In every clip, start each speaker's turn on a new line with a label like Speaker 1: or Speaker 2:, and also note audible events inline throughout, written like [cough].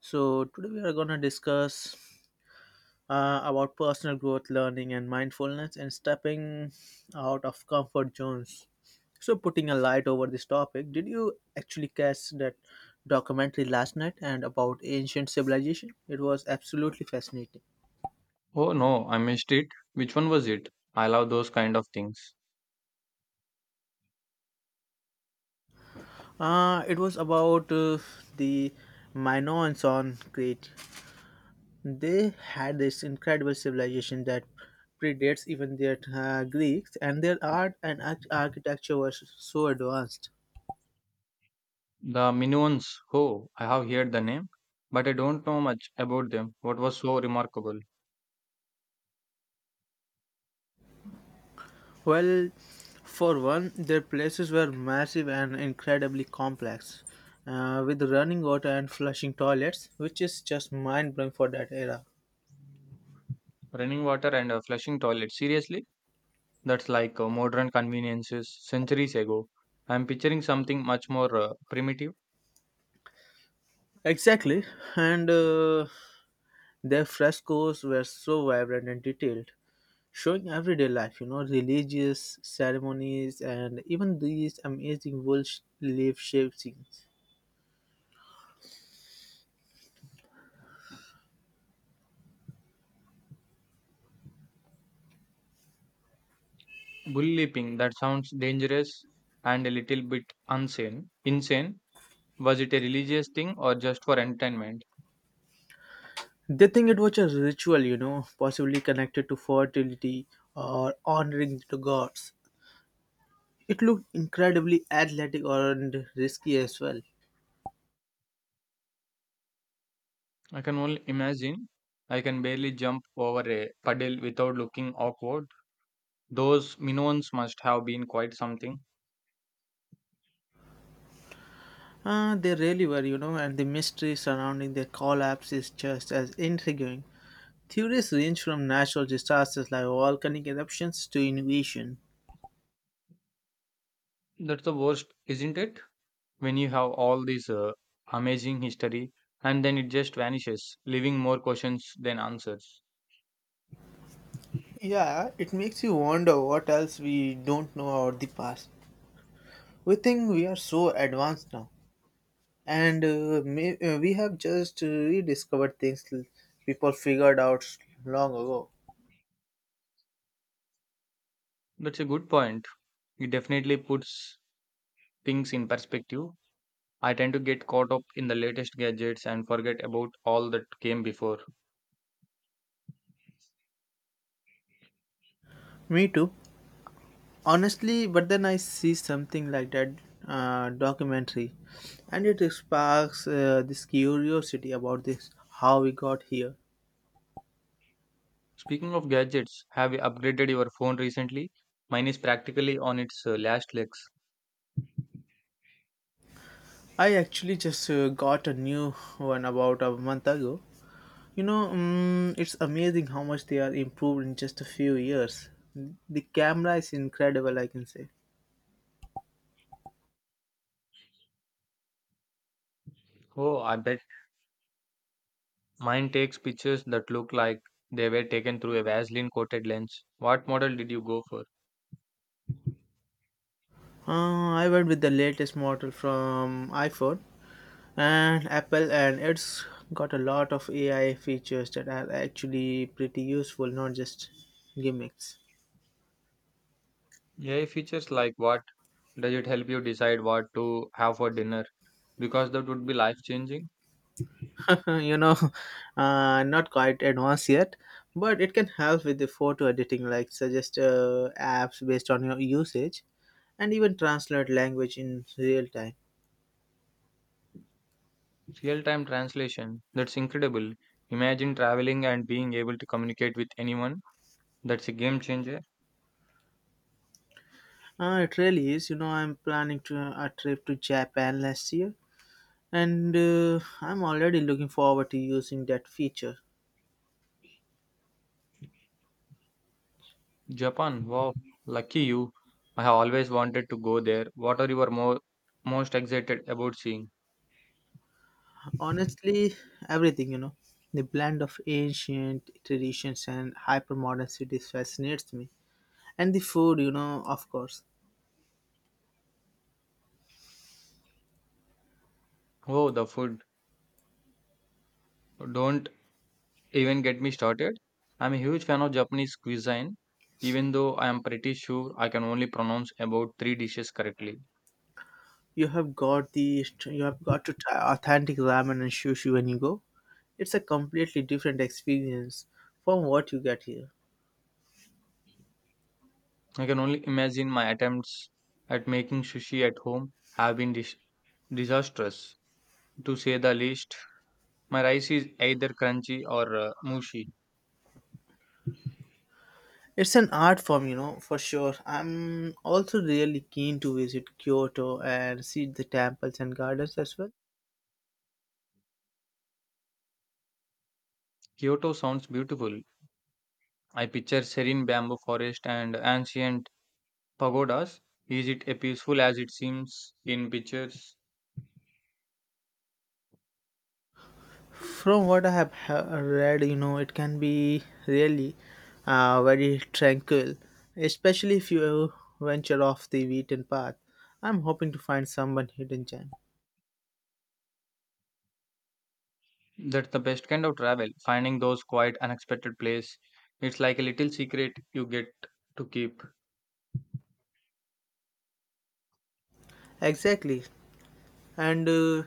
Speaker 1: So today we are going to discuss about personal growth, learning, and mindfulness, and stepping out of comfort zones. So putting a light over this topic, did you actually catch that documentary last night and about ancient civilization? It was absolutely fascinating.
Speaker 2: Oh no, I missed it. Which one was it? I love those kind of things.
Speaker 1: It was about the Minoans on Crete. They had this incredible civilization that predates even their Greeks, and their art and architecture was so advanced.
Speaker 2: The Minions. Oh, I have heard the name, but I don't know much about them. What was so remarkable?
Speaker 1: Well, for one, their places were massive and incredibly complex, with running water and flushing toilets, which is just mind blowing for that era.
Speaker 2: Running water and a flushing toilet. Seriously? That's like modern conveniences centuries ago. I'm picturing something much more primitive.
Speaker 1: Exactly, and their frescoes were so vibrant and detailed, showing everyday life, you know, religious ceremonies and even these amazing life shape scenes.
Speaker 2: Bull leaping. That sounds dangerous and a little bit insane. Insane. Was it a religious thing or just for entertainment?
Speaker 1: They think it was a ritual, you know, possibly connected to fertility or honoring the gods. It looked incredibly athletic and risky as well.
Speaker 2: I can only imagine. I can barely jump over a puddle without looking awkward. Those minnows must have been quite something.
Speaker 1: They really were, you know, and the mystery surrounding their collapse is just as intriguing. Theories range from natural disasters like volcanic eruptions to invasion.
Speaker 2: That's the worst, isn't it? When you have all this amazing history, and then it just vanishes, leaving more questions than answers.
Speaker 1: Yeah, it makes you wonder what else we don't know about the past. We think we are so advanced now, and we have just rediscovered people figured out long ago.
Speaker 2: That's a good point. It definitely puts things in perspective. I tend to get caught up in the latest gadgets and forget about all that came before.
Speaker 1: Me too, honestly, but then I see something like that documentary, and it sparks this curiosity about this how we got here.
Speaker 2: Speaking of gadgets, have you upgraded your phone recently? Mine is practically on its last legs.
Speaker 1: I actually just got a new one about a month ago. You know, it's amazing how much they are improved in just a few years. The camera is incredible, I can say.
Speaker 2: Oh, I bet mine takes pictures that look like they were taken through a Vaseline coated lens. What model did you go for?
Speaker 1: I went with the latest model from iPhone and Apple, and it's got a lot of AI features that are actually pretty useful, not just gimmicks.
Speaker 2: AI features like what? Does it help you decide what to have for dinner? Because that would be life changing.
Speaker 1: [laughs] You know, not quite advanced yet, but it can help with the photo editing, like suggest apps based on your usage and even translate language in real time.
Speaker 2: Real time translation. That's incredible. Imagine traveling and being able to communicate with anyone. That's a game changer.
Speaker 1: It really is. You know, I'm planning to a trip to Japan last year, and I'm already looking forward to using that feature.
Speaker 2: Japan, wow, lucky you. I have always wanted to go there. What are you are more most excited about seeing?
Speaker 1: Honestly, everything, you know, the blend of ancient traditions and hypermodern cities fascinates me, and the food, you know, of course.
Speaker 2: Oh, the food. Don't even get me started. I'm a huge fan of Japanese cuisine, even though I am pretty sure I can only pronounce about three dishes correctly.
Speaker 1: You have got to try authentic ramen and sushi when you go. It's a completely different experience from what you get here.
Speaker 2: I can only imagine my attempts at making sushi at home have been disastrous, to say the least. My rice is either crunchy or mushy.
Speaker 1: It's an art form, you know, for sure. I'm also really keen to visit Kyoto and see the temples and gardens as well.
Speaker 2: Kyoto sounds beautiful. I picture serene bamboo forest and ancient pagodas. Is it as peaceful as it seems in pictures?
Speaker 1: From what read, you know, it can be really very tranquil, especially if you venture off the beaten path. I'm hoping to find someone hidden gem.
Speaker 2: That's the best kind of travel, finding those quiet, unexpected place. It's like a little secret you get to keep.
Speaker 1: Exactly. And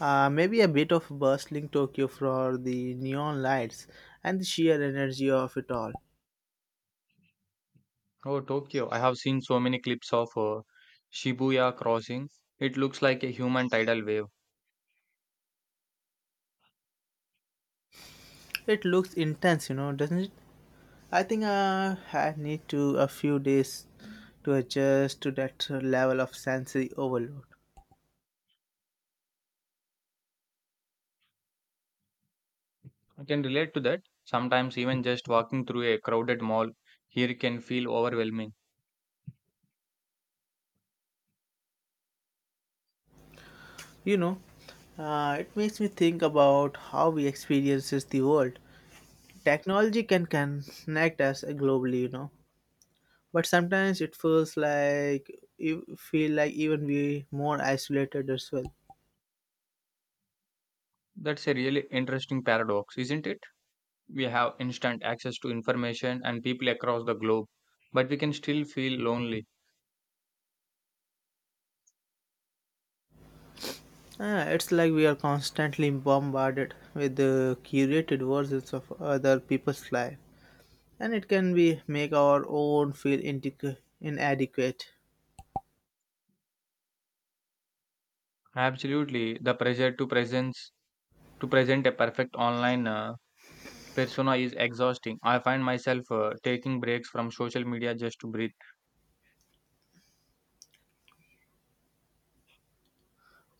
Speaker 1: Maybe a bit of bustling Tokyo for the neon lights and the sheer energy of it all.
Speaker 2: Oh, Tokyo. I have seen so many clips of Shibuya crossing. It looks like a human tidal wave.
Speaker 1: It looks intense, you know, doesn't it? I think I need to a few days to adjust to that level of sensory overload.
Speaker 2: I can relate to that. Sometimes even just walking through a crowded mall here can feel overwhelming.
Speaker 1: You know, it makes me think about how we experiences the world. Technology can connect us globally, you know, but sometimes it feels like you feel like even we more isolated as well.
Speaker 2: That's a really interesting paradox, isn't it? We have instant access to information and people across the globe, but we can still feel lonely.
Speaker 1: It's like we are constantly bombarded with the curated versions of other people's life, and it can be make our own feel inadequate.
Speaker 2: Absolutely, the pressure to presence to present a perfect online persona is exhausting. I find myself taking breaks from social media just to breathe.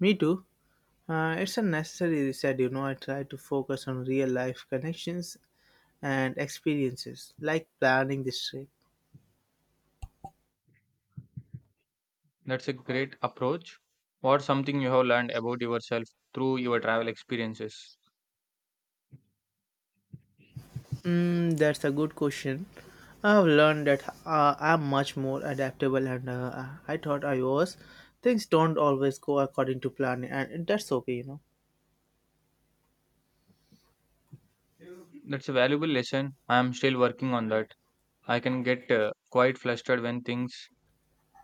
Speaker 1: Me too. It's a necessary reset, you know. I try to focus on real life connections and experiences, like planning this trip.
Speaker 2: That's a great approach. What something you have learned about yourself through your travel experiences?
Speaker 1: Mm, that's a good question. I've learned that I'm much more adaptable, and I thought I was. Things don't always go according to plan, and that's okay, you know.
Speaker 2: That's a valuable lesson. I am still working on that. I can get quite flustered when things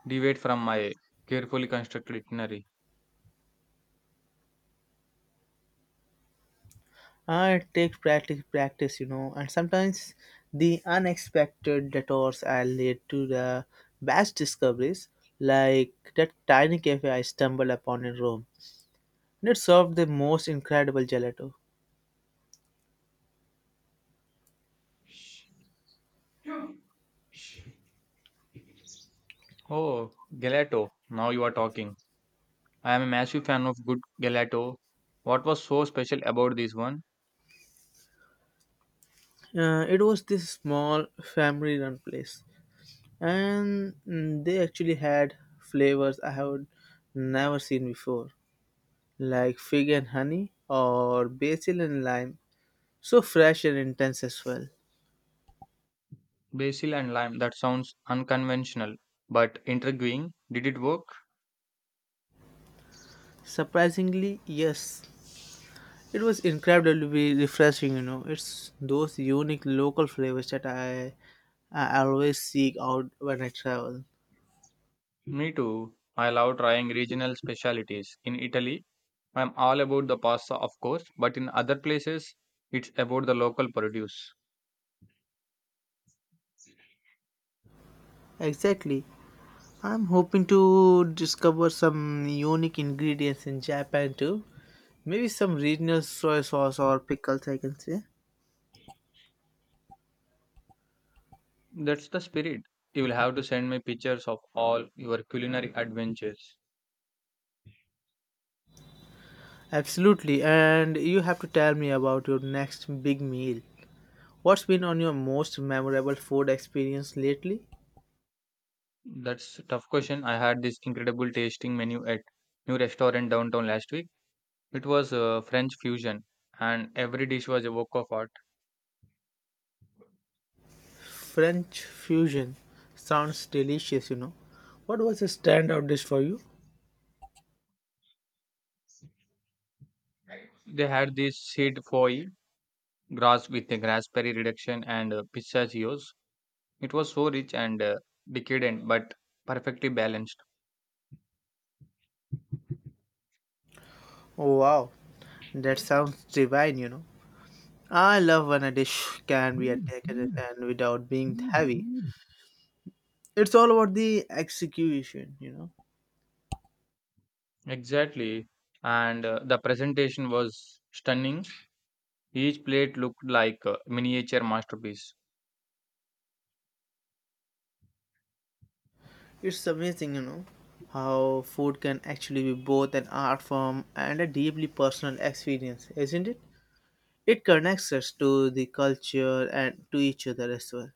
Speaker 2: deviate from my carefully constructed itinerary.
Speaker 1: It takes practice, practice, you know, and sometimes the unexpected detours are lead to the best discoveries, like that tiny cafe I stumbled upon in Rome. And it served the most incredible gelato.
Speaker 2: Oh, gelato. Now you are talking. I am a massive fan of good gelato. What was so special about this one?
Speaker 1: It was this small family-run place, and they actually had flavors I had never seen before, like fig and honey or basil and lime. So fresh and intense as well.
Speaker 2: Basil and lime. That sounds unconventional, but intriguing. Did it work?
Speaker 1: Surprisingly, yes, it was incredibly refreshing, you know. It's those unique local flavors that I always seek out when I travel.
Speaker 2: Me too. I love trying regional specialities. In Italy, I am all about the pasta, of course, but in other places, it's about the local produce.
Speaker 1: Exactly. I'm hoping to discover some unique ingredients in Japan too. Maybe some regional soy sauce or pickles, I can say.
Speaker 2: That's the spirit. You will have to send me pictures of all your culinary adventures.
Speaker 1: Absolutely. And you have to tell me about your next big meal. What's been on your most memorable food experience lately?
Speaker 2: That's a tough question. I had this incredible tasting menu at new restaurant downtown last week. It was French fusion, and every dish was a work of art.
Speaker 1: French fusion sounds delicious, you know. What was a standout dish for you?
Speaker 2: They had this seed foie grass with a raspberry reduction and pistachios. It was so rich and decadent, but perfectly balanced.
Speaker 1: Oh, wow, that sounds divine, you know. I love when a dish can be decadent and without being heavy. It's all about the execution, you know.
Speaker 2: Exactly, and the presentation was stunning. Each plate looked like a miniature masterpiece.
Speaker 1: It's amazing, you know, how food can actually be both an art form and a deeply personal experience, isn't it? It connects us to the culture and to each other as well.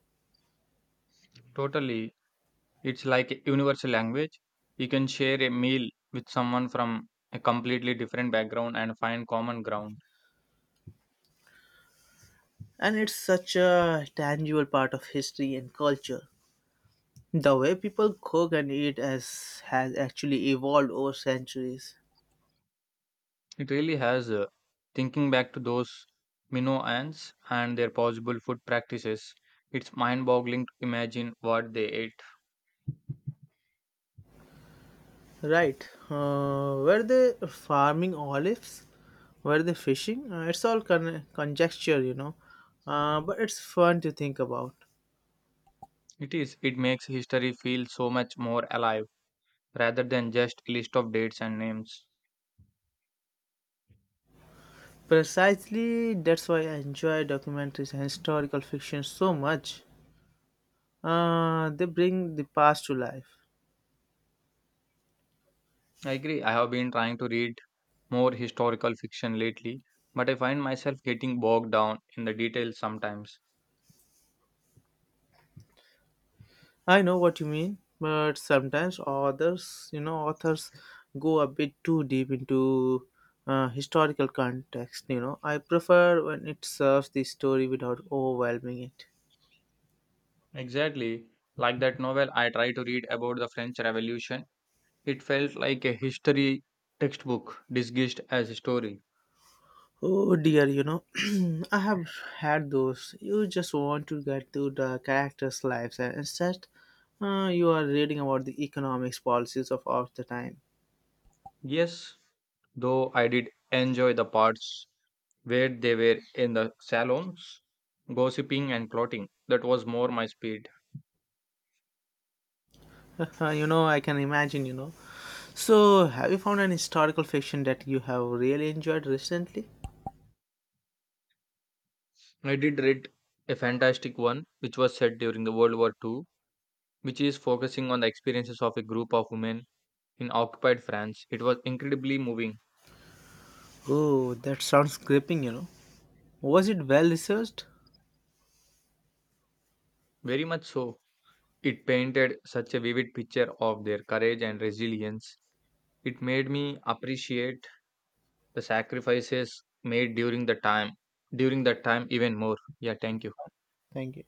Speaker 2: Totally, it's like a universal language. You can share a meal with someone from a completely different background and find common ground.
Speaker 1: And it's such a tangible part of history and culture. The way people cook and eat as has actually evolved over centuries.
Speaker 2: It really has. Thinking back to those minnow ants and their possible food practices, it's mind boggling to imagine what they ate.
Speaker 1: Right. Were they farming olives? Were they fishing? It's all conjecture, you know. But it's fun to think about.
Speaker 2: It is, it makes history feel so much more alive rather than just a list of dates and names.
Speaker 1: Precisely, that's why I enjoy documentaries and historical fiction so much. They bring the past to life.
Speaker 2: I agree, I have been trying to read more historical fiction lately, but I find myself getting bogged down in the details sometimes.
Speaker 1: I know what you mean, but sometimes authors, you know, authors go a bit too deep into historical context. You know, I prefer when it serves the story without overwhelming it.
Speaker 2: Exactly. Like that novel I tried to read about the French Revolution. It felt like a history textbook disguised as a story.
Speaker 1: Oh dear, you know, [clears throat] I have had those. You just want to get to the characters' lives, and instead, you are reading about the economics policies of the time.
Speaker 2: Yes, though I did enjoy the parts where they were in the salons, gossiping and plotting. That was more my speed.
Speaker 1: [laughs] You know, I can imagine, you know. So, have you found an historical fiction that you have really enjoyed recently?
Speaker 2: I did read a fantastic one which was set during the World War II, which is focusing on the experiences of a group of women in occupied France. It was incredibly moving.
Speaker 1: Oh, that sounds gripping, you know. Was it well researched?
Speaker 2: Very much so. It painted such a vivid picture of their courage and resilience. It made me appreciate the sacrifices made during the time, during that time even more. Yeah, thank you.
Speaker 1: Thank you.